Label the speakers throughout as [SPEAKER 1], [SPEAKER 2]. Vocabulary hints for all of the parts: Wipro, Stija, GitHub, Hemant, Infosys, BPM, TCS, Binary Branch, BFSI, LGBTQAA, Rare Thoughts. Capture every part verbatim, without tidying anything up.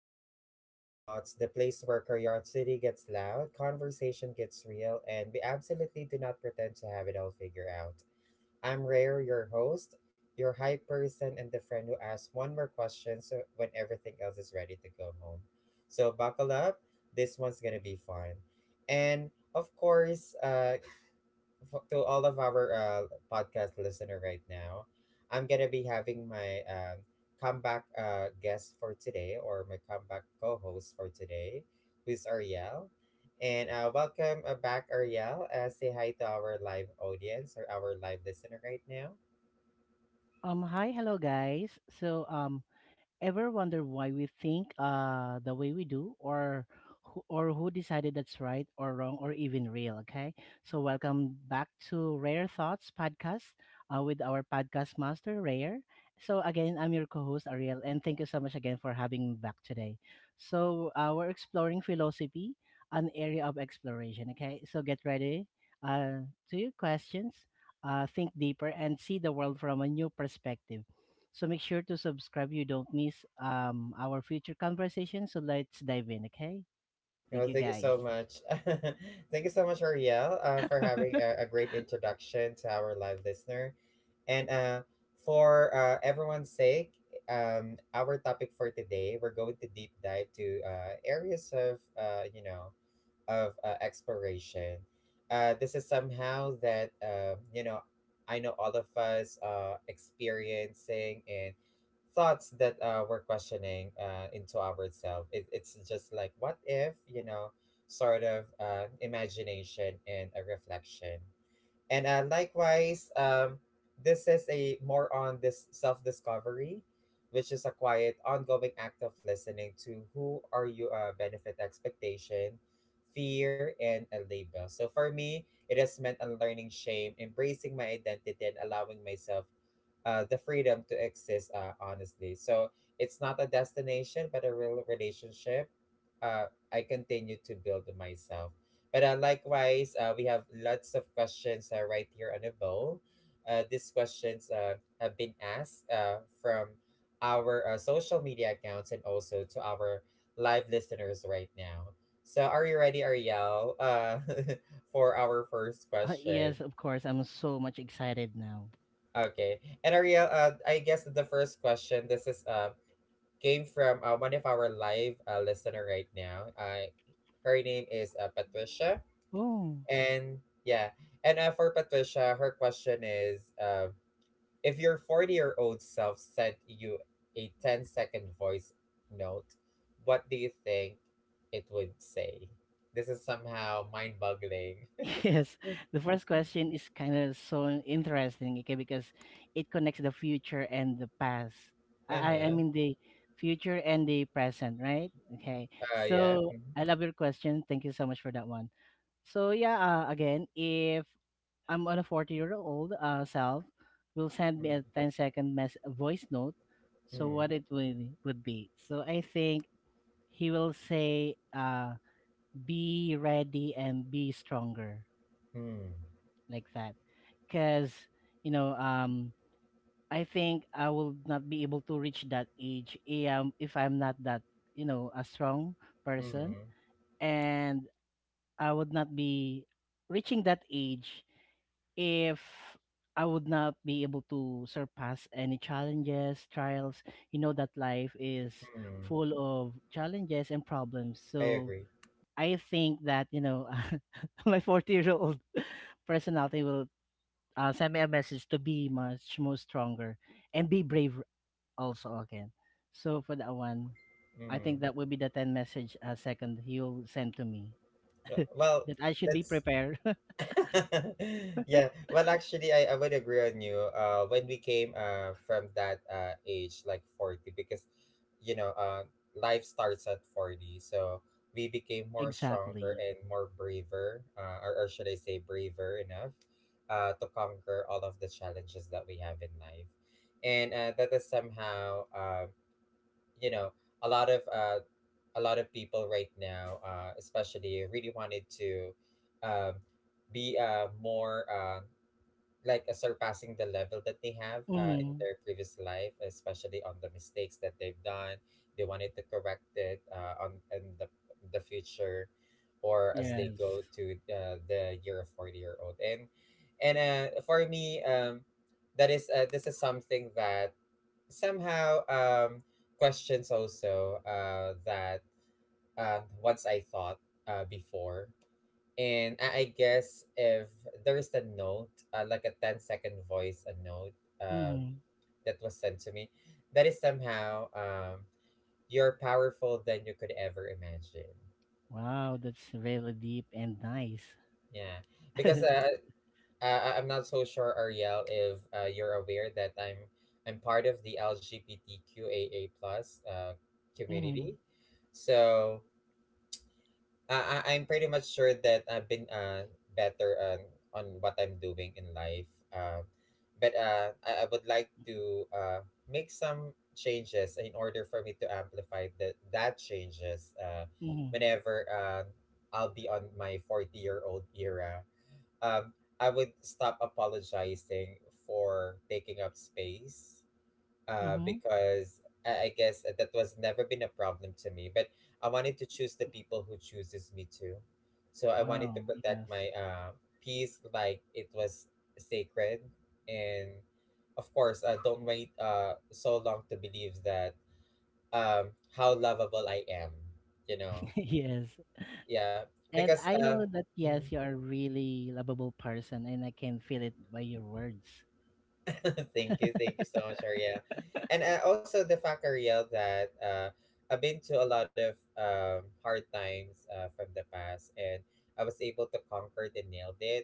[SPEAKER 1] Welcome to Rare Thoughts, the place where curiosity gets loud, conversation gets real, and we absolutely do not pretend to have it all figured out. I'm Rare, your host, your hype person, and the friend who asks one more question so when everything else is ready to go home. So buckle up. This one's gonna be fun, and of course, uh, f- to all of our uh, podcast listener right now. I'm gonna be having my um, comeback uh, guest for today, or my comeback co-host for today, who's Ariel. And uh, welcome uh, back, Ariel. Uh, say hi to our live audience or our live listener right now.
[SPEAKER 2] Um, hi, hello guys. So, um, Ever wonder why we think uh the way we do or who, or who decided that's right or wrong or even real, okay? So welcome back to Rare Thoughts podcast uh, with our podcast master Rare. So again, I'm your co-host Ariel and thank you so much again for having me back today. So uh, we're exploring philosophy, an area of exploration, okay? So get ready uh to your questions, uh think deeper and see the world from a new perspective. So make sure to subscribe. You don't miss um our future conversation. So let's dive in, okay? Thank
[SPEAKER 1] Well,
[SPEAKER 2] you,
[SPEAKER 1] thank you
[SPEAKER 2] guys.
[SPEAKER 1] so much. Thank you so much, Ariel, uh, for having a, a great introduction to our live listener. And uh, for uh, everyone's sake, um, our topic for today, we're going to deep dive to uh, areas of, uh, you know, of uh, exploration. Uh, this is somehow that um, you know I know all of us uh, experiencing and thoughts that uh, we're questioning uh, into ourselves. It, it's just like what if you know sort of uh, imagination and a reflection. And uh, likewise, um, this is a more on this self discovery, which is a quiet, ongoing act of listening to who are you, uh, benefit expectation, fear, and a label. So for me, it has meant unlearning shame, embracing my identity, and allowing myself uh, the freedom to exist uh, honestly. So it's not a destination, but a real relationship. Uh, I continue to build myself. But uh, likewise, uh, we have lots of questions uh, right here on the bowl. Uh, these questions uh, have been asked uh, from our uh, social media accounts and also to our live listeners right now. So, are you ready, Ariel, uh, for our first
[SPEAKER 2] Uh,
[SPEAKER 1] question?
[SPEAKER 2] yes, of course. I'm so much excited now.
[SPEAKER 1] Okay. And Ariel, uh, I guess the first question, this is uh, came from uh, one of our live uh, listener right now. Uh, her name is uh, Patricia.
[SPEAKER 2] Oh.
[SPEAKER 1] And yeah, and uh, for Patricia, her question is uh, if your forty-year-old self sent you a ten second voice note, what do you think it would say? This is somehow mind-boggling.
[SPEAKER 2] Yes, the first question is kind of so interesting, okay, because it connects the future and the past. I, I I
[SPEAKER 1] Uh-huh.
[SPEAKER 2] mean the future and the present, right? Okay,
[SPEAKER 1] Uh, yeah.
[SPEAKER 2] so
[SPEAKER 1] Mm-hmm.
[SPEAKER 2] I love your question. Thank you so much for that one. So yeah, uh, Again, if I'm on a forty year old uh, self, will send me a ten second mess- voice note. So what
[SPEAKER 1] Mm-hmm.
[SPEAKER 2] it would would be. So I think he will say, uh, "Be ready and be stronger,"
[SPEAKER 1] Mm-hmm.
[SPEAKER 2] like that, because you know, um, I think I will not be able to reach that age if I'm, if I'm not that you know a strong person,
[SPEAKER 1] Mm-hmm.
[SPEAKER 2] and I would not be reaching that age if I would not be able to surpass any challenges, trials. You know that life is
[SPEAKER 1] Mm,
[SPEAKER 2] full of challenges and problems.
[SPEAKER 1] I
[SPEAKER 2] So
[SPEAKER 1] agree.
[SPEAKER 2] I think that, you know, my forty year old personality will uh, send me a message to be much more stronger and be brave also again. So for that one, I think
[SPEAKER 1] Mm.
[SPEAKER 2] that will be the ten message a second he'll send to me
[SPEAKER 1] Yeah. Well,
[SPEAKER 2] that I should be
[SPEAKER 1] that's
[SPEAKER 2] prepared.
[SPEAKER 1] yeah. Well, actually, I, I would agree on you. Uh, when we came uh from that uh age, like forty, because you know uh life starts at forty, so we became more stronger
[SPEAKER 2] Exactly.
[SPEAKER 1] and more braver, uh, or, or should I say braver enough, uh, to conquer all of the challenges that we have in life, and uh, that is somehow uh, you know a lot of uh a lot of people right now, uh, especially, really wanted to um, be uh, more uh, like uh, surpassing the level that they have uh, in
[SPEAKER 2] Hmm.
[SPEAKER 1] their previous life, especially on the mistakes that they've done. They wanted to correct it uh, on in the the future, or as they
[SPEAKER 2] Yes.
[SPEAKER 1] go to uh, the year of forty year old. And and uh, for me, um, that is uh, this is something that somehow um, questions also uh, that um, once I thought uh, before. And I I guess if there's a note, uh, like a ten second voice, a note um,
[SPEAKER 2] Mm-hmm.
[SPEAKER 1] that was sent to me, that is somehow um, you're powerful than you could ever imagine.
[SPEAKER 2] Wow, that's really deep and nice.
[SPEAKER 1] Yeah. Because uh, uh, I'm not so sure, Ariel, if uh, you're aware that I'm I'm part of the LGBTQAA plus uh,
[SPEAKER 2] Mm-hmm.
[SPEAKER 1] community. So uh, I- I'm pretty much sure that I've been uh, better on, on what I'm doing in life. Uh, but uh, I, I would like to uh, make some changes in order for me to amplify that that changes uh,
[SPEAKER 2] Mm-hmm.
[SPEAKER 1] whenever uh, I'll be on my forty year old era. Um, I would stop apologizing for taking up space uh,
[SPEAKER 2] Mm-hmm.
[SPEAKER 1] because I, I guess that was never been a problem to me. But I wanted to choose the people who chooses me too. So I wanted to
[SPEAKER 2] Wow,
[SPEAKER 1] protect
[SPEAKER 2] yes.
[SPEAKER 1] my uh, peace like it was sacred. And of course, uh, don't wait uh, so long to believe that um, how lovable I am, you know?
[SPEAKER 2] Yes.
[SPEAKER 1] Yeah,
[SPEAKER 2] And
[SPEAKER 1] because
[SPEAKER 2] I
[SPEAKER 1] uh,
[SPEAKER 2] know that yes,
[SPEAKER 1] mhm.
[SPEAKER 2] you are a really lovable person and I can feel it by your words.
[SPEAKER 1] thank you, thank you so much, Ariel. And uh, also the fact, Ariel, that uh, I've been to a lot of um, hard times uh, from the past, and I was able to conquer and nailed it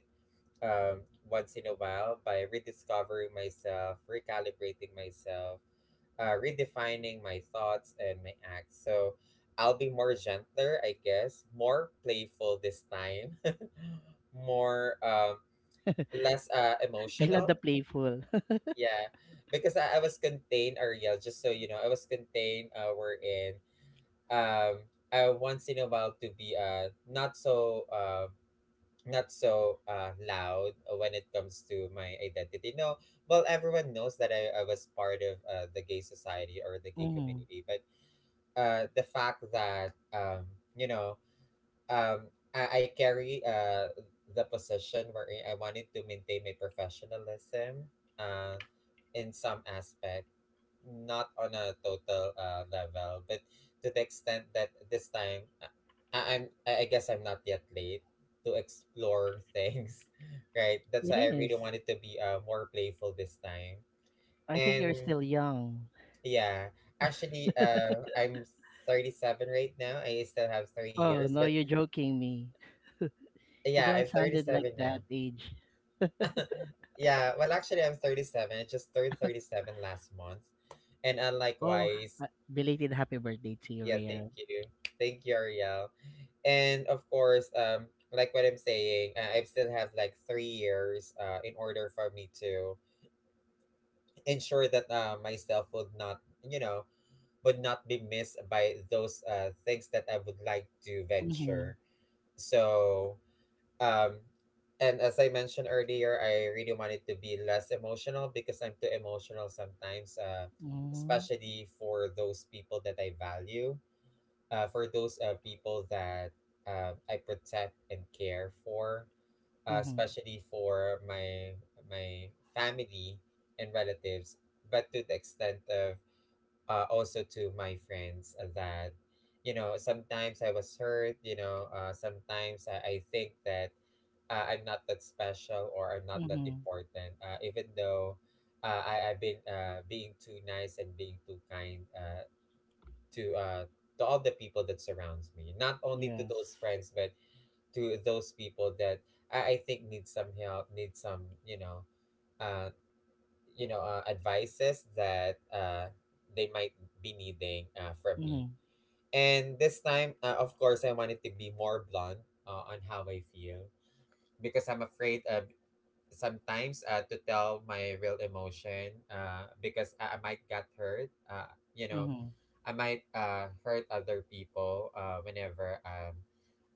[SPEAKER 1] um, once in a while by rediscovering myself, recalibrating myself, uh, redefining my thoughts and my acts. So I'll be more gentler, I guess, more playful this time, more um, less uh,
[SPEAKER 2] I love the
[SPEAKER 1] emotional.
[SPEAKER 2] playful.
[SPEAKER 1] Yeah, because I, I was contained, Ariel, just so you know, I was contained uh, wherein um, I once in a while to be uh, not so uh, not so uh, loud when it comes to my identity. No, well, everyone knows that I, I was part of uh, the gay society or the gay
[SPEAKER 2] Mhm.
[SPEAKER 1] community, but uh, the fact that, um, you know, um, I, I carry uh, the position wherein I wanted to maintain my professionalism. Uh, in some aspect not on a total uh, level, but to the extent that this time uh, I, I'm I I guess I'm not yet late to explore things, right? That's
[SPEAKER 2] It
[SPEAKER 1] why I really
[SPEAKER 2] is.
[SPEAKER 1] wanted to be uh, more playful this time.
[SPEAKER 2] I think you're
[SPEAKER 1] And
[SPEAKER 2] still young.
[SPEAKER 1] yeah, actually, uh, I'm thirty-seven right now. I still have three
[SPEAKER 2] Oh,
[SPEAKER 1] years,
[SPEAKER 2] no,
[SPEAKER 1] but
[SPEAKER 2] you're joking me. You
[SPEAKER 1] yeah,
[SPEAKER 2] don't
[SPEAKER 1] I'm
[SPEAKER 2] sounded like
[SPEAKER 1] thirty-seven now.
[SPEAKER 2] that age.
[SPEAKER 1] Yeah, well, actually, I'm thirty-seven. I just turned thirty-seven last month. And
[SPEAKER 2] Oh,
[SPEAKER 1] unlikewise,
[SPEAKER 2] ha- belated happy birthday to you,
[SPEAKER 1] yeah, thank
[SPEAKER 2] Rare.
[SPEAKER 1] you. Thank you, Ariel. And of course, um, like what I'm saying, I I still have like three years uh, in order for me to ensure that uh, myself would not, you know, would not be missed by those uh, things that I would like to
[SPEAKER 2] Mhm.
[SPEAKER 1] venture. So, um, and as I mentioned earlier, I really wanted to be less emotional because I'm too emotional sometimes, uh,
[SPEAKER 2] Mhm.
[SPEAKER 1] especially for those people that I value uh, for those uh, people that uh, I protect and care for, uh,
[SPEAKER 2] Mhm.
[SPEAKER 1] especially for my my family and relatives, but to the extent of uh, also to my friends that you know sometimes I was hurt. You know, uh, sometimes I, I think that uh, I'm not that special or I'm not that
[SPEAKER 2] Mhm.
[SPEAKER 1] important, uh, even though. Uh, I, I've been uh, being too nice and being too kind uh, to uh to all the people that surrounds me not only to
[SPEAKER 2] Yes.
[SPEAKER 1] those friends but to those people that i, I think need some help need some you know uh you know uh, advices that uh they might be needing uh, from me.
[SPEAKER 2] Mhm.
[SPEAKER 1] And this time uh, of course I wanted to be more blunt uh, on how I feel because I'm afraid uh sometimes uh, to tell my real emotion uh, because I, I might get hurt uh, you know
[SPEAKER 2] Mhm.
[SPEAKER 1] I might uh, hurt other people uh, whenever um,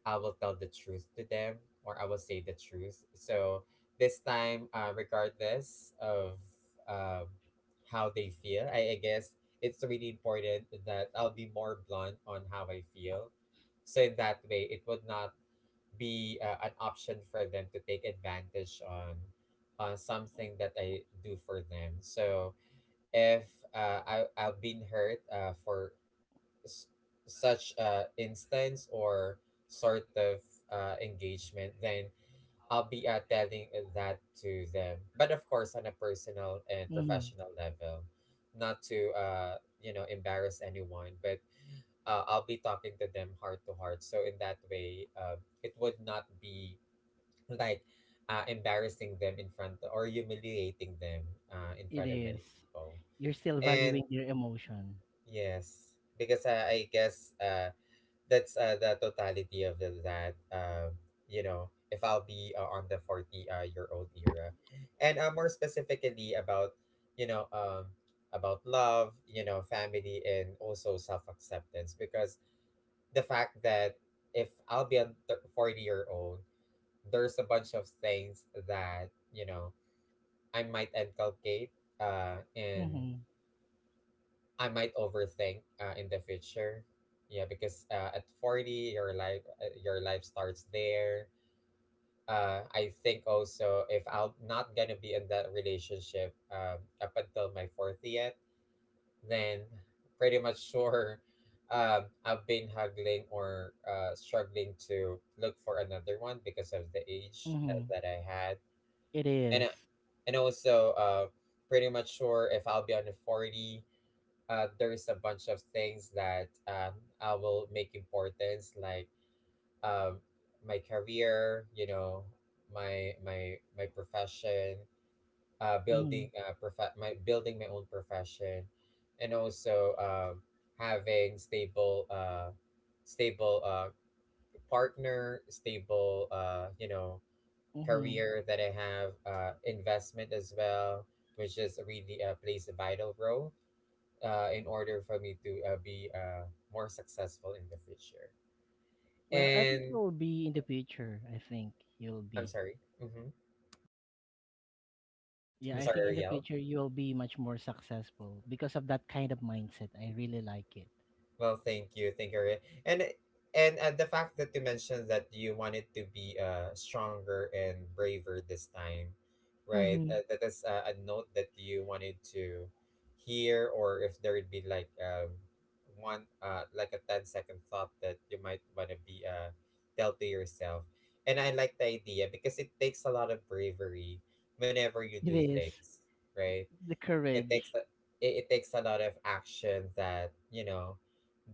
[SPEAKER 1] I will tell the truth to them or I will say the truth. So this time, uh, regardless of um, how they feel, I, I guess it's really important that I'll be more blunt on how I feel. So in that way, it would not be uh, an option for them to take advantage on on something that I do for them. So if uh, I I've been hurt uh, for s- such uh, instance or sort of uh, engagement, then I'll be uh, telling that to them. But of course, on a personal and
[SPEAKER 2] Mhm.
[SPEAKER 1] professional level, not to uh, you know embarrass anyone, but uh, I'll be talking to them heart to heart. So in that way, uh, it would not be like uh, embarrassing them in front or humiliating them uh, in
[SPEAKER 2] It
[SPEAKER 1] front of
[SPEAKER 2] is.
[SPEAKER 1] many people.
[SPEAKER 2] You're still
[SPEAKER 1] And
[SPEAKER 2] valuing your emotion.
[SPEAKER 1] yes, because I, I guess uh, that's uh, the totality of the, that um you know if I'll be uh, on the forty uh, year old era and uh, more specifically about you know um about love, you know family, and also self acceptance because the fact that if I'll be a forty year old there's a bunch of things that you know i might inculcate uh in
[SPEAKER 2] Mhm.
[SPEAKER 1] I might overthink uh, in the future. Yeah, because uh, at forty your life uh, your life starts there. Uh, I think also if I'm not gonna be in that relationship um, up until my fortieth, then pretty much sure um, I've been haggling or uh, struggling to look for another one because of the age uh,
[SPEAKER 2] Mhm.
[SPEAKER 1] that I had.
[SPEAKER 2] It
[SPEAKER 1] And uh,
[SPEAKER 2] is.
[SPEAKER 1] and also uh, pretty much sure if I'll be on the forty uh, there is a bunch of things that um, I will make importance, like um, my career, you know, my my my profession, uh, building
[SPEAKER 2] Mhm,
[SPEAKER 1] uh, prof- my building my own profession, and also um, having stable uh, stable uh, partner, stable uh, you know
[SPEAKER 2] mhm.
[SPEAKER 1] career that I have, uh, investment as well, which is really uh, plays a vital role uh, in order for me to uh, be uh, more successful in the future.
[SPEAKER 2] Well, I think
[SPEAKER 1] And
[SPEAKER 2] you'll be in the future. I think you'll
[SPEAKER 1] I'm
[SPEAKER 2] be.
[SPEAKER 1] sorry. hmm
[SPEAKER 2] Yeah,
[SPEAKER 1] I'm
[SPEAKER 2] I
[SPEAKER 1] sorry,
[SPEAKER 2] think in the
[SPEAKER 1] Ariel.
[SPEAKER 2] future you'll be much more successful because of that kind of mindset. I really like it.
[SPEAKER 1] Well, thank you, thank you, Ariel. and and uh, the fact that you mentioned that you wanted to be uh stronger and braver this time, right?
[SPEAKER 2] Mm-hmm.
[SPEAKER 1] Uh, that is uh, a note that you wanted to hear, or if there would be like um one uh like a ten second thought that you might want to be uh tell to yourself. And I like the idea because it takes a lot of bravery whenever you
[SPEAKER 2] It
[SPEAKER 1] do
[SPEAKER 2] is
[SPEAKER 1] things, right?
[SPEAKER 2] the
[SPEAKER 1] it takes a,
[SPEAKER 2] courage.
[SPEAKER 1] it, it takes a lot of action that you know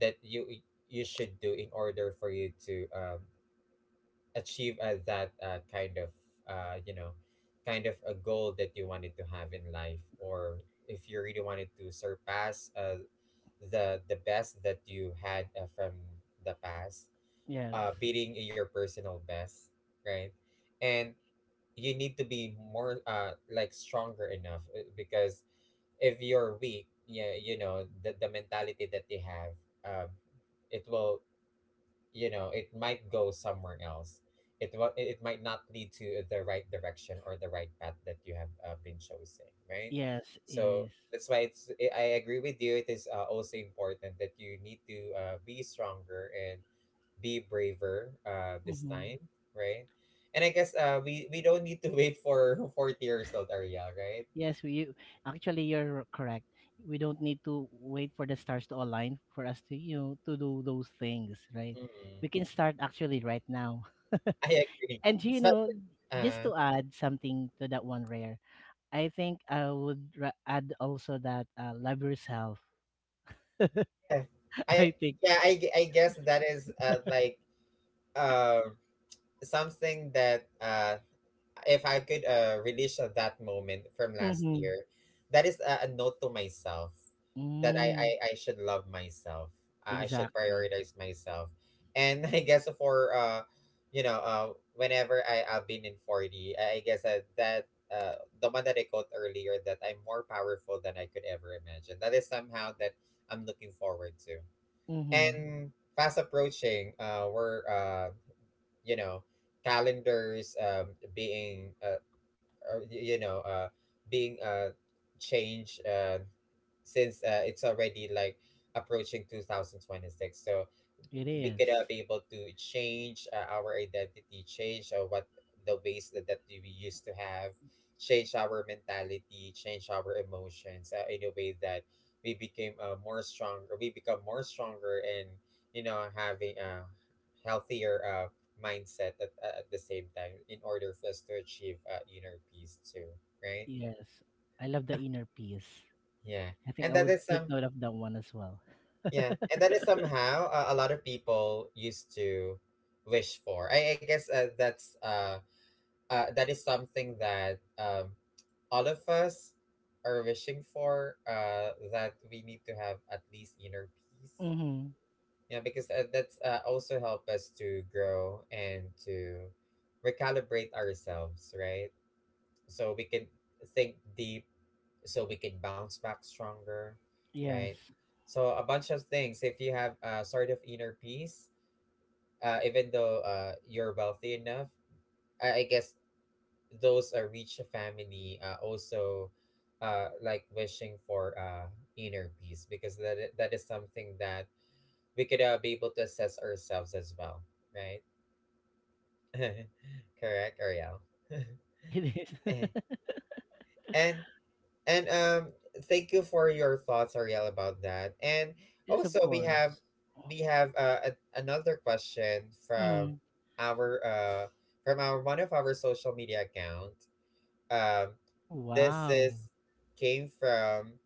[SPEAKER 1] that you you should do in order for you to um, achieve uh, that uh, kind of uh, you know kind of a goal that you wanted to have in life, or if you really wanted to surpass uh, the the best that you had uh, from the past,
[SPEAKER 2] Yes.
[SPEAKER 1] uh, beating your personal best, right? And you need to be more uh, like stronger enough uh, because if you're weak, yeah, you know, the, the mentality that you have, um, it will, you know, it might go somewhere else. It will, it it might not lead to the right direction or the right path that you have uh, been chosen, right?
[SPEAKER 2] Yes,
[SPEAKER 1] So
[SPEAKER 2] is.
[SPEAKER 1] that's why it's. I I agree with you. It is uh, also important that you need to uh, be stronger and be braver uh, this
[SPEAKER 2] Mm-hmm.
[SPEAKER 1] time, right? And I guess uh, we we don't need to wait for forty years old, Ariel, right?
[SPEAKER 2] Yes, we you, actually you're correct. We don't need to wait for the stars to align for us to, you know, to do those things, right?
[SPEAKER 1] Mm-mm.
[SPEAKER 2] We can start actually right now.
[SPEAKER 1] I agree.
[SPEAKER 2] And you
[SPEAKER 1] So,
[SPEAKER 2] know, just
[SPEAKER 1] uh,
[SPEAKER 2] to add something to that one rare, I think I would ra- add also that uh, love yourself.
[SPEAKER 1] yeah,
[SPEAKER 2] I
[SPEAKER 1] I
[SPEAKER 2] think.
[SPEAKER 1] yeah I, gue- I guess that is uh, like uh, something that uh, if I could uh, relish of that moment from last
[SPEAKER 2] Mm-hmm.
[SPEAKER 1] year, that is a, a note to myself that I, I,
[SPEAKER 2] Mm,
[SPEAKER 1] I should love myself. Uh, I should
[SPEAKER 2] exactly.
[SPEAKER 1] prioritize myself. And I guess for, uh, you know, uh, whenever I, I've been in forty, I, I guess uh, that uh, the one that I quote earlier, that I'm more powerful than I could ever imagine. That is somehow that I'm looking forward to.
[SPEAKER 2] Mm-hmm.
[SPEAKER 1] And fast approaching, uh, we're, uh, you know, calendars um, being uh, uh, y- you know uh being uh changed uh since uh, it's already like approaching two thousand twenty-six, so
[SPEAKER 2] It
[SPEAKER 1] we
[SPEAKER 2] is.
[SPEAKER 1] could uh, be able to change uh, our identity, change uh, what the ways that, that we used to have, change our mentality, change our emotions uh, in a way that we became uh, more stronger, we become more stronger, and, you know, having a healthier uh, mindset at, uh, at the same time in order for us to achieve uh, inner peace too, right?
[SPEAKER 2] Yes. I love the inner peace.
[SPEAKER 1] Yeah.
[SPEAKER 2] I think
[SPEAKER 1] And
[SPEAKER 2] I
[SPEAKER 1] that
[SPEAKER 2] would
[SPEAKER 1] is
[SPEAKER 2] take
[SPEAKER 1] some.
[SPEAKER 2] note of that one as well.
[SPEAKER 1] Yeah, and that is somehow uh, a lot of people used to wish for. I, I guess uh, that's uh, uh, that is something that um, all of us are wishing for. Uh, that we need to have at least inner peace.
[SPEAKER 2] Mm-hmm.
[SPEAKER 1] Yeah, because uh, that's uh, also help us to grow and to recalibrate ourselves, right? So we can think deep so we can bounce back stronger,
[SPEAKER 2] Yes.
[SPEAKER 1] right? So a bunch of things. If you have uh, sort of inner peace, uh, even though uh, you're wealthy enough, I, I guess those uh, rich family uh, also uh, like wishing for uh, inner peace, because that i- that is something that we could uh, be able to assess ourselves as well, right? Correct, Ariel.
[SPEAKER 2] It
[SPEAKER 1] Eh,
[SPEAKER 2] is.
[SPEAKER 1] and And um, thank you for your thoughts, Ariel, about that. And
[SPEAKER 2] Yes, of
[SPEAKER 1] also, we have
[SPEAKER 2] course.
[SPEAKER 1] we have uh, a- another question from
[SPEAKER 2] Mm.
[SPEAKER 1] our uh from our one of our social media account. Um,
[SPEAKER 2] Oh,
[SPEAKER 1] this
[SPEAKER 2] wow.
[SPEAKER 1] is came from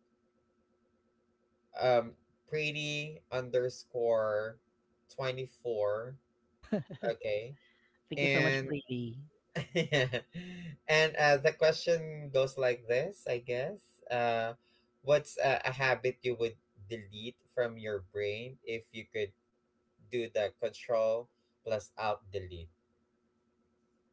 [SPEAKER 1] um pretty underscore twenty four. Okay,
[SPEAKER 2] Thank you so much,
[SPEAKER 1] and
[SPEAKER 2] Pretty.
[SPEAKER 1] yeah. And uh, the question goes like this, I guess. Uh, what's a, a habit you would delete from your brain if you could do the control plus out delete?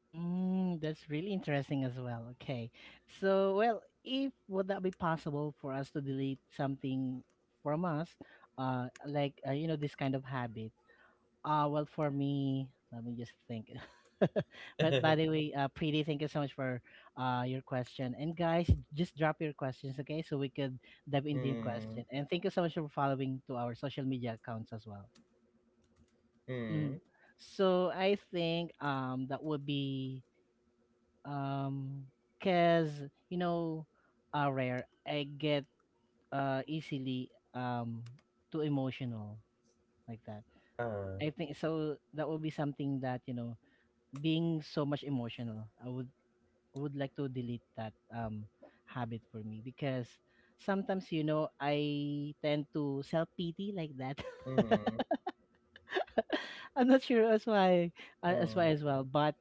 [SPEAKER 2] Mm, that's really interesting as well. Okay. So, well, if would that be possible for us to delete something from us, uh, like, uh, you know, this kind of habit? Uh, well, for me, let me just think. But by
[SPEAKER 1] Mm,
[SPEAKER 2] the way, uh, Preeti, thank you so much for uh, your question. And guys, just drop your questions, okay? So we could dive into your question. And thank you so much for following to our social media accounts as well. Mm.
[SPEAKER 1] mm,
[SPEAKER 2] So I think um that would be um because you know uh rare I get uh easily um too emotional like that.
[SPEAKER 1] uh,
[SPEAKER 2] I think so that will be something that you know being so much emotional I would would like to delete that um habit for me because sometimes you know I tend to self pity like that.
[SPEAKER 1] mm,
[SPEAKER 2] I'm not sure as why, uh, as why
[SPEAKER 1] mm,
[SPEAKER 2] as well. But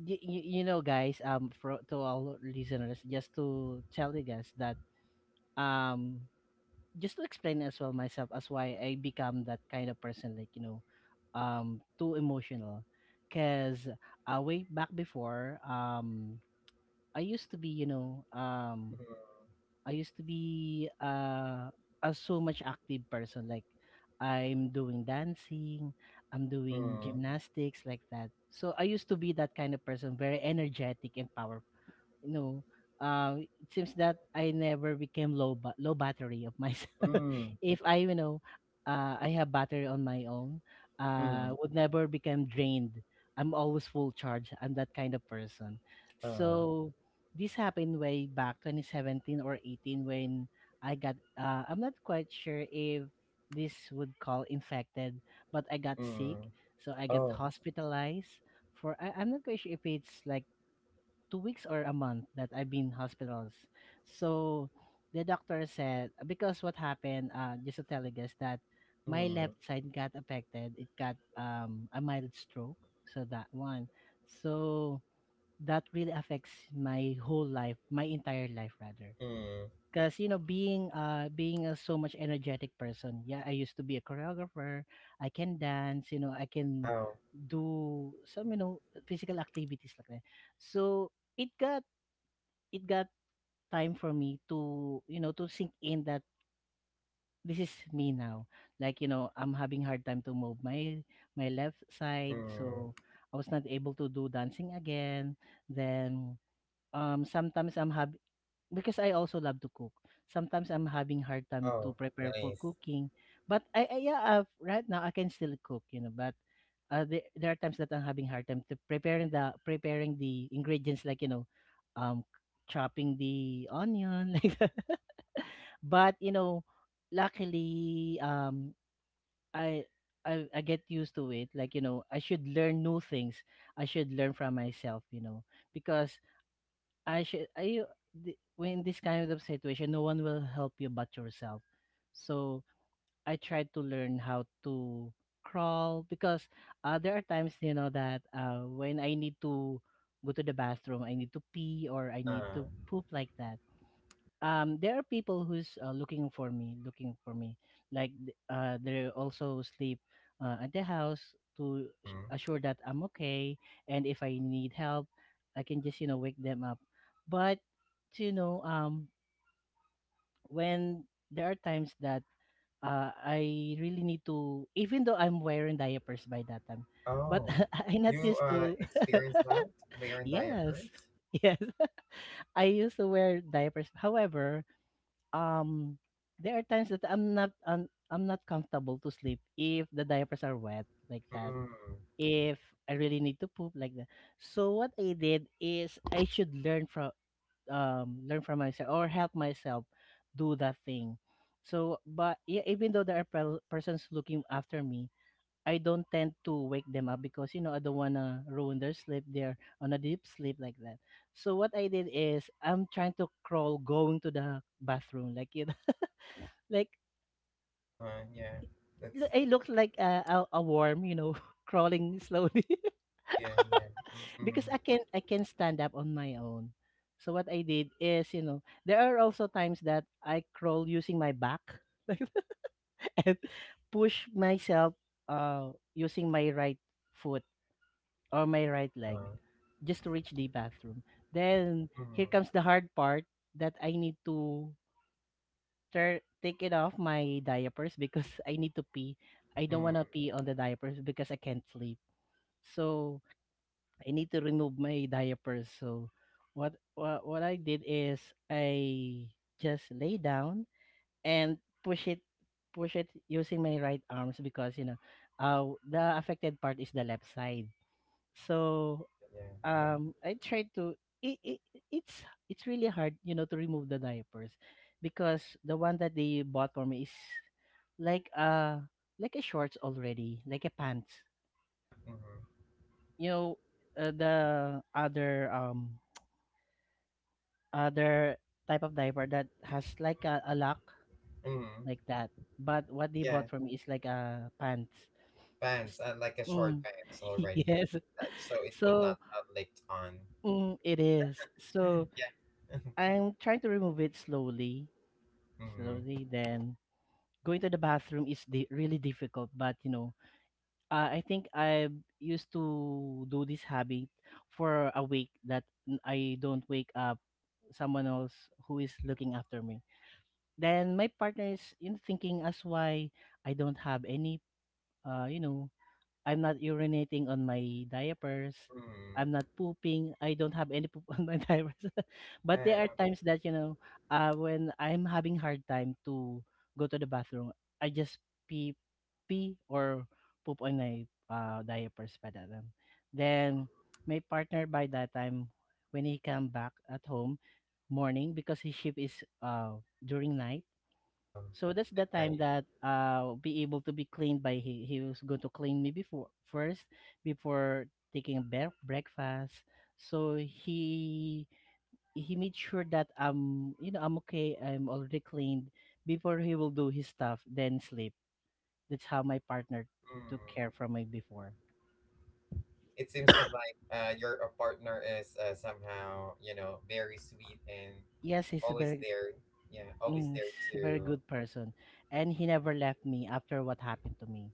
[SPEAKER 2] y- y- you know guys um for to all listeners just to tell you guys that um just to explain as well myself as why I become that kind of person like you know um too emotional because uh, way back before um I used to be you know um I used to be uh a so much active person like I'm doing dancing, I'm doing
[SPEAKER 1] mm,
[SPEAKER 2] gymnastics like that. So I used to be that kind of person, very energetic and powerful. You know, uh, it seems that I never became low ba- low battery of myself.
[SPEAKER 1] mm,
[SPEAKER 2] If I, you know, uh, I have battery on my own,
[SPEAKER 1] mm,
[SPEAKER 2] uh, would never become drained. I'm always full charge. I'm that kind of person.
[SPEAKER 1] uh,
[SPEAKER 2] So this happened way back twenty seventeen or eighteen when I got. Uh, I'm not quite sure if this would call infected, but I got sick.
[SPEAKER 1] mm,
[SPEAKER 2] So I got
[SPEAKER 1] oh,
[SPEAKER 2] hospitalized for. I, I'm not quite sure if it's like two weeks or a month that I've been hospitals. So the doctor said because what happened, uh, just to tell you guys that my
[SPEAKER 1] mm,
[SPEAKER 2] left side got affected. It got um a mild stroke. So that one. So that really affects my whole life, my entire life rather.
[SPEAKER 1] mm,
[SPEAKER 2] Because you know, being uh being a so much energetic person, yeah, I used to be a choreographer. I can dance, you know, I can
[SPEAKER 1] wow,
[SPEAKER 2] do some you know physical activities like that. So it got it got time for me to, you know, to sink in that this is me now. Like, you know, I'm having hard time to move my my left side, so
[SPEAKER 1] mm,
[SPEAKER 2] I was not able to do dancing again. Then um sometimes I'm having because I also love to cook. Sometimes I'm having hard time to
[SPEAKER 1] oh,
[SPEAKER 2] prepare for
[SPEAKER 1] nice,
[SPEAKER 2] cooking, but I, I yeah, I right now I can still cook, you know, but uh, there, there are times that I'm having hard time to preparing the preparing the ingredients like you know, um, chopping the onion like that. But you know, luckily, um, I. I, I get used to it like you know I should learn new things. I should learn from myself, you know, because I should I the- when this kind of situation no one will help you but yourself. So I tried to learn how to crawl because uh, there are times you know that uh, when I need to go to the bathroom, I need to pee or I need
[SPEAKER 1] uh,
[SPEAKER 2] to poop like that. Um, there are people who's uh, looking for me, looking for me. Like th- uh, they also sleep uh, at the house to s-
[SPEAKER 1] mm.
[SPEAKER 2] assure that I'm okay, and if I need help, I can just you know wake them up. But you know, um, when there are times that uh, I really need to, even though I'm wearing diapers by that time, but
[SPEAKER 1] Oh,
[SPEAKER 2] I not
[SPEAKER 1] you
[SPEAKER 2] used
[SPEAKER 1] uh
[SPEAKER 2] to.
[SPEAKER 1] experienced that wearing diapers?
[SPEAKER 2] Yes, yes, I used to wear diapers. However, um, there are times that I'm not i I'm not comfortable to sleep if the diapers are wet like that.
[SPEAKER 1] Mm.
[SPEAKER 2] If I really need to poop like that. So what I did is I should learn from um, learn from myself or help myself do that thing. So, but yeah, even though there are pel- persons looking after me, I don't tend to wake them up because you know I don't wanna ruin their sleep. They're on a deep sleep like that. So what I did is I'm trying to crawl going to the bathroom, like you know, like
[SPEAKER 1] Uh-huh, yeah. That's
[SPEAKER 2] lo- I look like a, a, a worm, you know, crawling slowly.
[SPEAKER 1] Yeah, yeah. Mm.
[SPEAKER 2] Because I can I can stand up on my own. So what I did is, you know, there are also times that I crawl using my back like that, and push myself uh using my right foot or my right leg
[SPEAKER 1] Uh-huh.
[SPEAKER 2] just to reach the bathroom. Then
[SPEAKER 1] Mm.
[SPEAKER 2] here comes the hard part that I need to tur take it off my diapers because I need to pee. I don't
[SPEAKER 1] Mm.
[SPEAKER 2] want to pee on the diapers because I can't sleep. So I need to remove my diapers. So what what, what I did is I just lay down and push it push it using my right arms because you know uh, the affected part is the left side.
[SPEAKER 1] Yeah.
[SPEAKER 2] So
[SPEAKER 1] Mm.
[SPEAKER 2] um I tried to it, it it's it's really hard you know to remove the diapers because the one that they bought for me is like uh like a shorts already like a pants
[SPEAKER 1] Yep. Mm-hmm.
[SPEAKER 2] you know uh, the other um other type of diaper that has like a, a lock
[SPEAKER 1] Mm.
[SPEAKER 2] like that. But what they
[SPEAKER 1] Yeah.
[SPEAKER 2] bought for me is like a pants.
[SPEAKER 1] Pants,
[SPEAKER 2] S-
[SPEAKER 1] uh, like a short
[SPEAKER 2] Mm,
[SPEAKER 1] pants already.
[SPEAKER 2] yes.
[SPEAKER 1] That so it would not
[SPEAKER 2] So
[SPEAKER 1] have licked on.
[SPEAKER 2] mm, it is. So
[SPEAKER 1] Yeah.
[SPEAKER 2] I'm trying to remove it slowly,
[SPEAKER 1] Mm.
[SPEAKER 2] slowly. Then going to the bathroom is di- really difficult. But you know, uh, I think I used to do this habit for a week that n- I don't wake up someone else who is looking after me. Then my partner is you know, thinking as why I don't have any uh you know I'm not urinating on my diapers. I'm
[SPEAKER 1] Mm.
[SPEAKER 2] not pooping. I don't have any poop on my diapers. But
[SPEAKER 1] Yeah.
[SPEAKER 2] there are times that you know uh when I'm having hard time to go to the bathroom, I just pee pee or poop on my uh diapers by that time.
[SPEAKER 1] Mm.
[SPEAKER 2] Then my partner by that time, when he come back at home morning because his shift is uh during night,
[SPEAKER 1] Um,
[SPEAKER 2] so that's
[SPEAKER 1] at
[SPEAKER 2] the time
[SPEAKER 1] night.
[SPEAKER 2] that uh be able to be cleaned by he he was going to clean me before, first before taking a be- breakfast. So he he made sure that I'm you know I'm okay, I'm already cleaned before he will do his stuff then sleep. That's how my partner took care
[SPEAKER 1] Mm.
[SPEAKER 2] from me before.
[SPEAKER 1] It seems that, like, uh, your uh, partner is uh, somehow, you know, very sweet and
[SPEAKER 2] Yes, he's a
[SPEAKER 1] always
[SPEAKER 2] very
[SPEAKER 1] there, yeah, always
[SPEAKER 2] mm,
[SPEAKER 1] there
[SPEAKER 2] he's a very
[SPEAKER 1] to.
[SPEAKER 2] good person, and he never left me after what happened to me.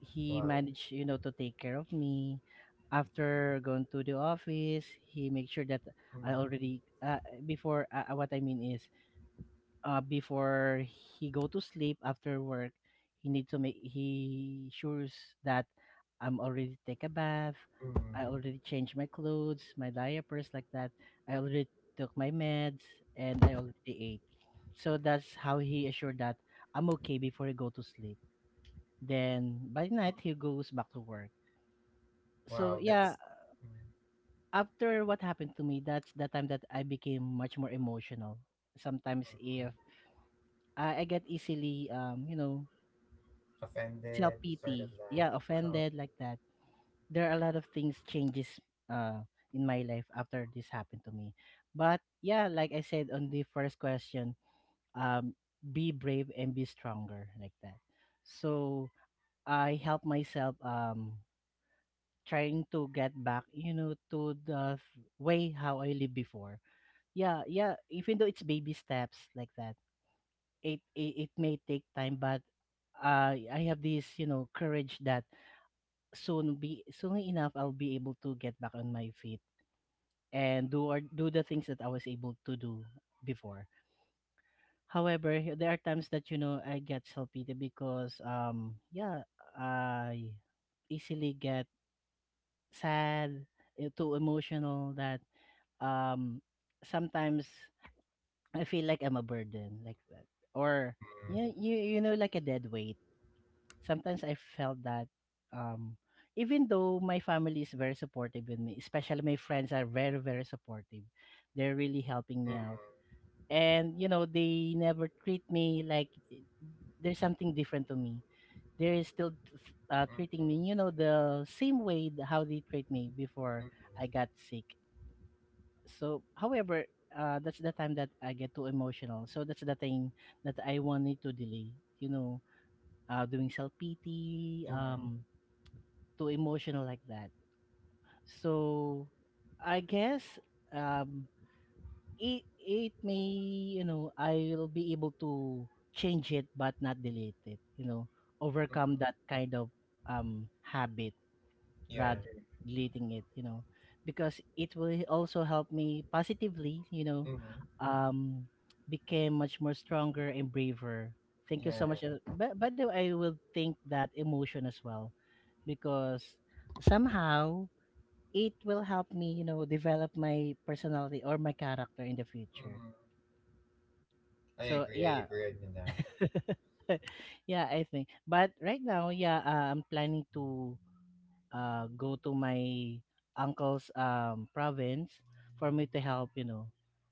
[SPEAKER 2] He
[SPEAKER 1] Wow.
[SPEAKER 2] managed, you know, to take care of me. After going to the office, he make sure that I
[SPEAKER 1] Mm,
[SPEAKER 2] already uh, before, uh, uh, what I mean is, uh, before he go to sleep after work, he need to make he sures that I'm already take a bath,
[SPEAKER 1] mm, mm.
[SPEAKER 2] I already changed my clothes, my diapers like that. I already took my meds and I already ate. So that's how he assured that I'm okay before I go to sleep. Then by night he goes back to work. So
[SPEAKER 1] Wow,
[SPEAKER 2] yeah,
[SPEAKER 1] that's. Mm,
[SPEAKER 2] after what happened to me, that's the time that I became much more emotional.
[SPEAKER 1] mm.
[SPEAKER 2] Sometimes if I, I get easily um, you know, self
[SPEAKER 1] Offended sort of
[SPEAKER 2] pity, yeah,
[SPEAKER 1] that. Oh,
[SPEAKER 2] offended like that. There are a lot of things changes uh in my life after this happened to me. But yeah, like I said on the first question, um be brave and be stronger like that. So I help myself um trying to get back, you know, to the th- way how I lived before. Yeah, yeah. Even though it's baby steps like that, it it, it may take time, but uh, I have this, you know, courage that soon be soon enough I'll be able to get back on my feet and do or do the things that I was able to do before. However, h- there are times that you know I get self pity because um yeah, I easily get sad, eh, too emotional that um sometimes I feel like I'm a burden like that.
[SPEAKER 1] mm,
[SPEAKER 2] Or
[SPEAKER 1] mm,
[SPEAKER 2] you you you know like a dead weight. Sometimes I felt that um even though my family is very supportive with me, especially my friends are very very supportive. They're really helping me
[SPEAKER 1] mm,
[SPEAKER 2] out. And you know, they never treat me like i- there's something different to me. They're still t- s- uh, treating me, you know, the same way th- how they treat me before
[SPEAKER 1] mm,
[SPEAKER 2] I got sick. So however, uh that's the time that I get too emotional, so that's the thing that I wanted to delay you know uh doing self pity,
[SPEAKER 1] mm, mm,
[SPEAKER 2] um too emotional like that. So I guess, um it it may, you know I will be able to change it but not delete it, you know overcome that kind of um habit
[SPEAKER 1] yeah,
[SPEAKER 2] rather deleting it, you know because it will also help me positively, you know
[SPEAKER 1] mm,
[SPEAKER 2] um became much more stronger and braver. Thank you
[SPEAKER 1] yeah,
[SPEAKER 2] so much. Uh, by, by the way, I will think that emotion as well because somehow it will help me you know develop my personality or my character in the future.
[SPEAKER 1] mm. I
[SPEAKER 2] So
[SPEAKER 1] agree I
[SPEAKER 2] yeah.
[SPEAKER 1] agree with that.
[SPEAKER 2] Yeah, I think. But right now, yeah, uh, I'm planning to uh, go to my uncle's um, province, for me to help, you know,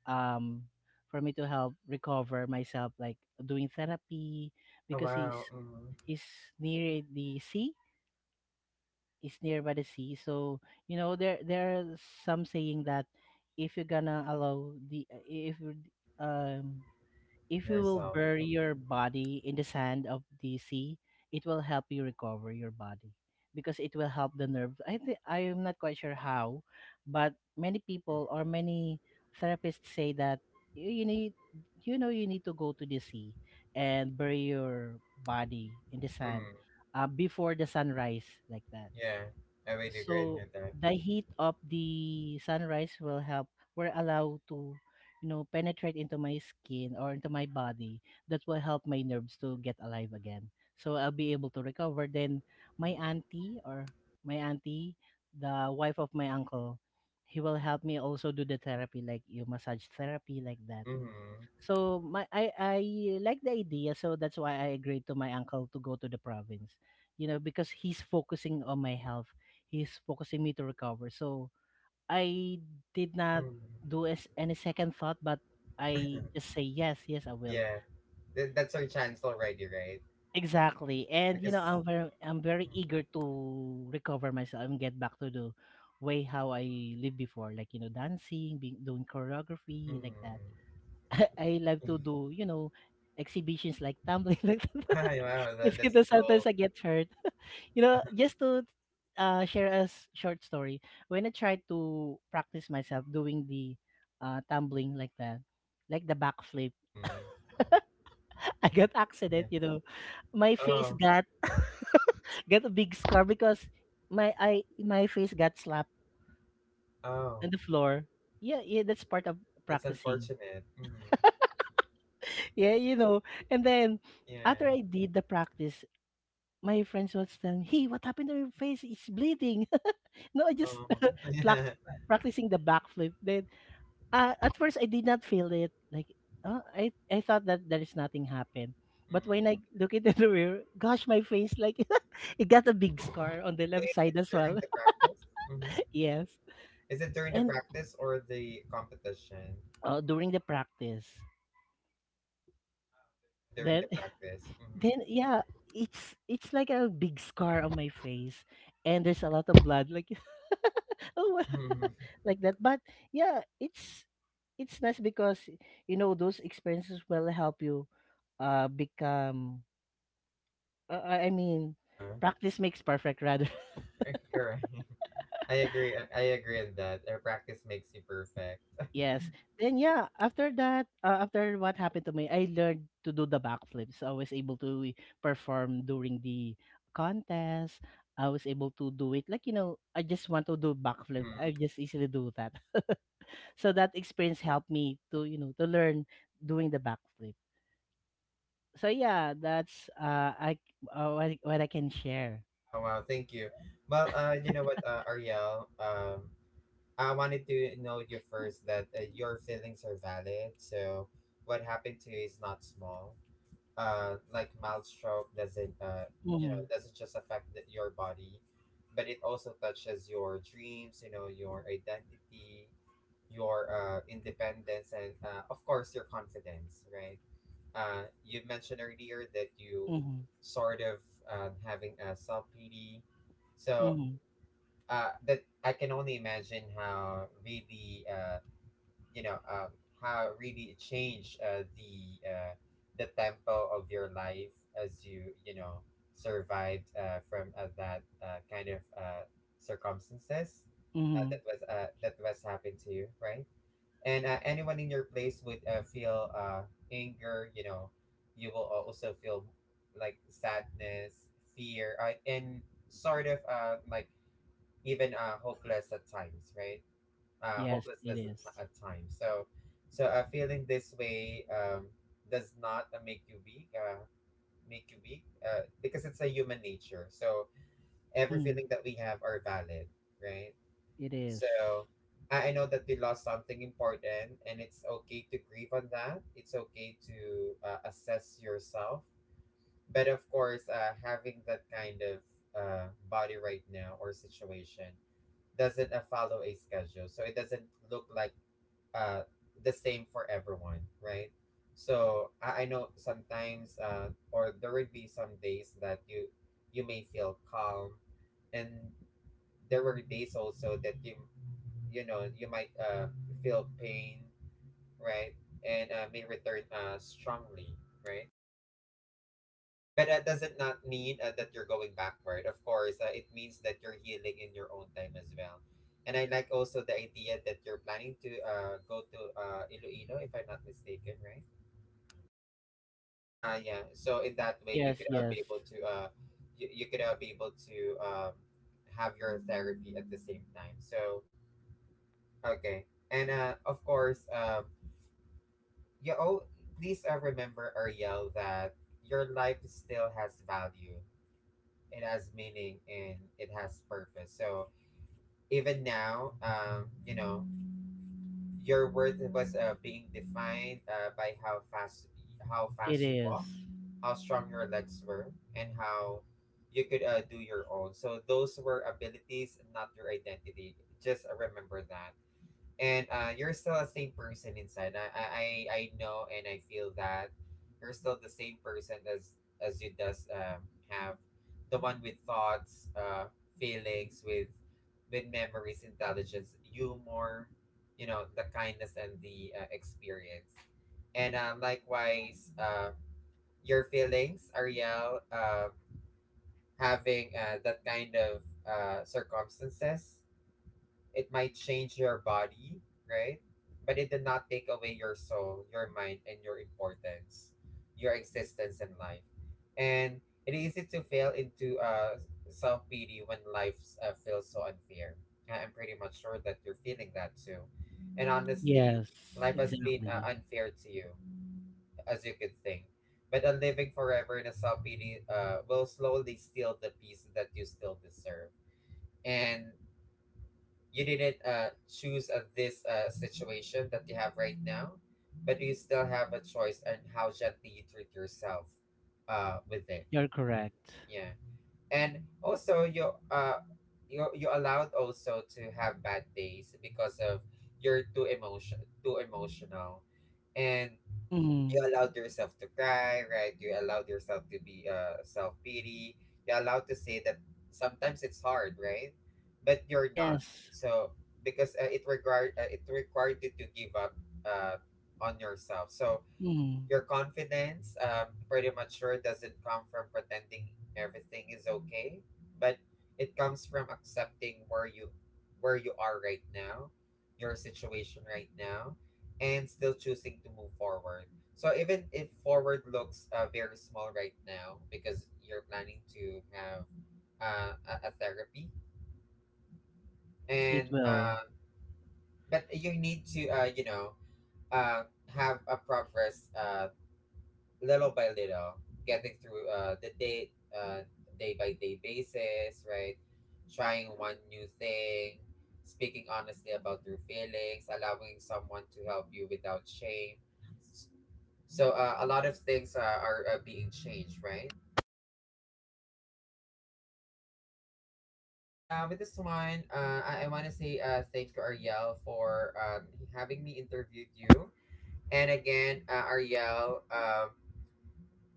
[SPEAKER 2] um, for me to help recover myself, like doing therapy,
[SPEAKER 1] Oh,
[SPEAKER 2] because he's
[SPEAKER 1] wow. Mm,
[SPEAKER 2] he's near the sea. He's near by the sea, so you know there there are some saying that if you're gonna allow the if you're, um if you will
[SPEAKER 1] yourself,
[SPEAKER 2] bury your body in the sand of the sea, it will help you recover your body because it will help the nerves. I think I am not quite sure how, but many
[SPEAKER 1] mm, mm,
[SPEAKER 2] people or many therapists say that you you need you know you need to go to the sea and bury your body in the sand
[SPEAKER 1] mm.
[SPEAKER 2] uh, before the sunrise like that.
[SPEAKER 1] Yeah, I would agree
[SPEAKER 2] So
[SPEAKER 1] with that.
[SPEAKER 2] the heat of the sunrise will help, we're allowed to you know penetrate into my skin or into my body, that will help my nerves to get alive again, so I'll be able to recover. Then my auntie or my auntie, the wife of my uncle, he will help me also do the therapy like you, massage therapy like that.
[SPEAKER 1] Mm-hmm.
[SPEAKER 2] So my I I like the idea, so that's why I agreed to my uncle to go to the province. You know, because he's focusing on my health. He's focusing me to recover. So I did not
[SPEAKER 1] Mm-hmm.
[SPEAKER 2] do as any second thought, but I just say yes, yes, I will.
[SPEAKER 1] Yeah, Th- that's our chance already, right?
[SPEAKER 2] Exactly. And you know,
[SPEAKER 1] Because.
[SPEAKER 2] I'm very I'm very eager to recover myself and get back to the way how I lived before, like you know, dancing, being doing choreography,
[SPEAKER 1] Mm-hmm.
[SPEAKER 2] like that. I love to do, you know, exhibitions like tumbling like that.
[SPEAKER 1] Ay, wow,
[SPEAKER 2] It's
[SPEAKER 1] that,
[SPEAKER 2] you
[SPEAKER 1] that's
[SPEAKER 2] know, sometimes
[SPEAKER 1] cool.
[SPEAKER 2] I get hurt. You know, just to uh, share a s- short story. When I tried to practice myself doing the uh, tumbling like that, like the backflip,
[SPEAKER 1] Mm-hmm.
[SPEAKER 2] I got accident.
[SPEAKER 1] Yeah.
[SPEAKER 2] You know, my face
[SPEAKER 1] Oh,
[SPEAKER 2] got got a big scar because my I my face got slapped
[SPEAKER 1] oh,
[SPEAKER 2] on the floor. Yeah, yeah, that's part of
[SPEAKER 1] that's
[SPEAKER 2] practicing.
[SPEAKER 1] unfortunate. Mm-hmm.
[SPEAKER 2] Yeah, you know. And then after
[SPEAKER 1] Yeah.
[SPEAKER 2] I did the practice, my friends was telling me, "Hey, what happened to your face? It's bleeding." No, I just
[SPEAKER 1] Oh,
[SPEAKER 2] plac
[SPEAKER 1] yeah.
[SPEAKER 2] practicing the backflip. Then uh, at first I did not feel it. Like uh, I I thought that there is nothing happened. But when
[SPEAKER 1] Mm.
[SPEAKER 2] I look into the mirror, gosh, my face, like it got a big scar on the
[SPEAKER 1] Is
[SPEAKER 2] left
[SPEAKER 1] it
[SPEAKER 2] side as
[SPEAKER 1] during
[SPEAKER 2] well.
[SPEAKER 1] the practice? Mm-hmm.
[SPEAKER 2] Yes,
[SPEAKER 1] Is it during the
[SPEAKER 2] and
[SPEAKER 1] practice or the competition?
[SPEAKER 2] uh, during the practice.
[SPEAKER 1] Uh, during
[SPEAKER 2] then
[SPEAKER 1] the practice. Mm-hmm.
[SPEAKER 2] Then yeah, it's it's like a big scar on my face, and there's a lot of blood, like oh, wow,
[SPEAKER 1] Mm-hmm.
[SPEAKER 2] like that. But yeah, it's it's nice because you know those experiences will help you, uh, become. Uh, I I mean,
[SPEAKER 1] Uh,
[SPEAKER 2] practice makes perfect, rather.
[SPEAKER 1] Correct. I agree. I agree on that. Uh, practice makes you perfect.
[SPEAKER 2] Yes. Then yeah, after that, uh, after what happened to me, I learned to do the backflips. I was able to perform during the contest. I was able to do it. Like, you know, I just want to do backflip. I
[SPEAKER 1] hmm
[SPEAKER 2] just easily do that. So that experience helped me to, you know, to learn doing the backflip. So yeah, that's uh I uh, what, I- what I can share.
[SPEAKER 1] Oh wow, thank you. Well, uh, you know what, uh, Ariel, um, I wanted to know you first that uh, your feelings are valid. So what happened to you is not small. Uh, like mild stroke doesn't uh, you know,
[SPEAKER 2] Mhm.
[SPEAKER 1] doesn't just affect the, your body, but it also touches your dreams. You know, your identity, your uh independence, and uh, of course your confidence, right? Uh, you mentioned earlier that you
[SPEAKER 2] Mhm.
[SPEAKER 1] sort of uh, having a self pity. So
[SPEAKER 2] Mhm.
[SPEAKER 1] uh, that I can only imagine how really uh, you know um, how really it changed uh, the uh, the tempo of your life as you you know survived uh, from uh, that uh, kind of uh, circumstances, uh,
[SPEAKER 2] Mhm.
[SPEAKER 1] that was uh, that was happened to you, right? and uh, anyone in your place would uh, feel uh, anger, you know you will also feel like sadness, fear, uh, and sort of, uh, like, even uh, hopeless at times, right, uh,
[SPEAKER 2] Yes, it
[SPEAKER 1] hopelessness at, t-
[SPEAKER 2] is.
[SPEAKER 1] at times, so, so uh, feeling this way, um, does not uh, make you weak, uh, make you weak uh, because it's a human nature, so every
[SPEAKER 2] Mhm.
[SPEAKER 1] feeling that we have are valid, right?
[SPEAKER 2] It is.
[SPEAKER 1] So I, I know that they lost something important, and it's okay to grieve on that. It's okay to uh, assess yourself. But of course, uh, having that kind of uh, body right now or situation doesn't uh, follow a schedule. So it doesn't look like uh, the same for everyone, right? So I, I know sometimes, uh, or there would be some days that you you may feel calm, and there were days also that you you know you might uh, feel pain, right, and uh, may return uh, strongly, right, but that doesn't not mean uh, that you're going backward. Of course, uh, it means that you're healing in your own time as well. And I like also the idea that you're planning to uh, go to uh, Iloilo if I'm not mistaken, right? Uh, yeah, so in that way you
[SPEAKER 2] Yes,
[SPEAKER 1] could uh, be
[SPEAKER 2] yes.
[SPEAKER 1] able to uh, you, you could uh, be able to um, have your therapy at the same time, so okay. And uh, of course, um, You oh, please uh, remember, Ariel, that your life still has value. It has meaning and it has purpose. So even now, um, you know, your worth was uh, being defined uh, by how fast how
[SPEAKER 2] It
[SPEAKER 1] fast you
[SPEAKER 2] is.
[SPEAKER 1] walk, how strong your legs were, and how you could uh, do your own. So those were abilities, not your identity. Just uh, remember that, and uh, you're still the same person inside. I, I I I know and I feel that you're still the same person, as as you does um have, the one with thoughts, uh, feelings, with with memories, intelligence, humor, you know, the kindness, and the uh, experience, and uh, likewise, uh, your feelings, Ariel, real. Uh, having uh, that kind of uh, circumstances, it might change your body, right? But it did not take away your soul, your mind, and your importance, your existence in life. And it is easy to fail into uh, self pity when life uh, feels so unfair. I- I'm pretty much sure that you're feeling that too. And honestly,
[SPEAKER 2] Yes,
[SPEAKER 1] life has been uh,
[SPEAKER 2] exactly.
[SPEAKER 1] unfair to you, as you could think. But a living forever in a self pity uh, will slowly steal the peace that you still deserve. And you didn't uh, choose uh, this uh, situation that you have right now, but you still have a choice on how gently you treat yourself uh, with it.
[SPEAKER 2] You're correct.
[SPEAKER 1] Yeah. And also, you uh, you you allowed also to have bad days because of you're too emotion too emotional, and you
[SPEAKER 2] Mm.
[SPEAKER 1] allowed yourself to cry, right? You allowed yourself to be uh self pity. You allowed to say that sometimes it's hard, right? But you're not.
[SPEAKER 2] Yes.
[SPEAKER 1] So because uh, it required uh, it required you to give up uh on yourself. So
[SPEAKER 2] Mm.
[SPEAKER 1] your confidence, um, pretty much sure, doesn't come from pretending everything is okay, but it comes from accepting where you where you are right now, your situation right now, and still choosing to move forward. So even if forward looks uh, very small right now, because you're planning to have uh, a, a therapy,
[SPEAKER 2] Yes,
[SPEAKER 1] and
[SPEAKER 2] it will.
[SPEAKER 1] uh, but you need to uh, you know uh, have a progress uh, little by little, getting through uh, the day, uh, day by day basis, right? Trying one new thing, speaking honestly about your feelings, allowing someone to help you without shame. S- So uh, a lot of things uh, are, are uh, being changed, right? And uh, with this one, uh, I, I want to say uh, thank you, Ariel, for um, having me interviewed you. And again, uh, Ariel, um,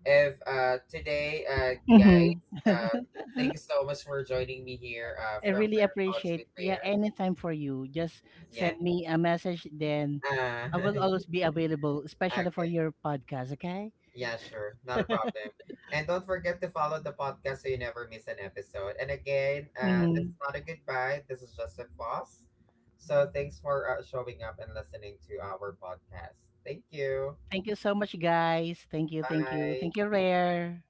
[SPEAKER 1] If uh today, uh guys,
[SPEAKER 2] Mm-hmm.
[SPEAKER 1] um thank you so much for joining me here uh
[SPEAKER 2] I
[SPEAKER 1] from
[SPEAKER 2] really
[SPEAKER 1] Rare Thoughts
[SPEAKER 2] appreciate.
[SPEAKER 1] with
[SPEAKER 2] Yeah,
[SPEAKER 1] Rare.
[SPEAKER 2] anytime for you. Just
[SPEAKER 1] Yeah.
[SPEAKER 2] send me a message, then
[SPEAKER 1] Uh
[SPEAKER 2] I will always be available, especially for
[SPEAKER 1] okay.
[SPEAKER 2] your podcast. Okay.
[SPEAKER 1] Yeah, sure. Not a problem. And don't forget to follow the podcast so you never miss an episode. And again, uh this is
[SPEAKER 2] mm
[SPEAKER 1] not a goodbye. This is just a pause. So thanks for uh, showing up and listening to our podcast. Thank you.
[SPEAKER 2] Thank you so much, guys. Thank you. Thank you.
[SPEAKER 1] Bye.
[SPEAKER 2] Thank you, Rare.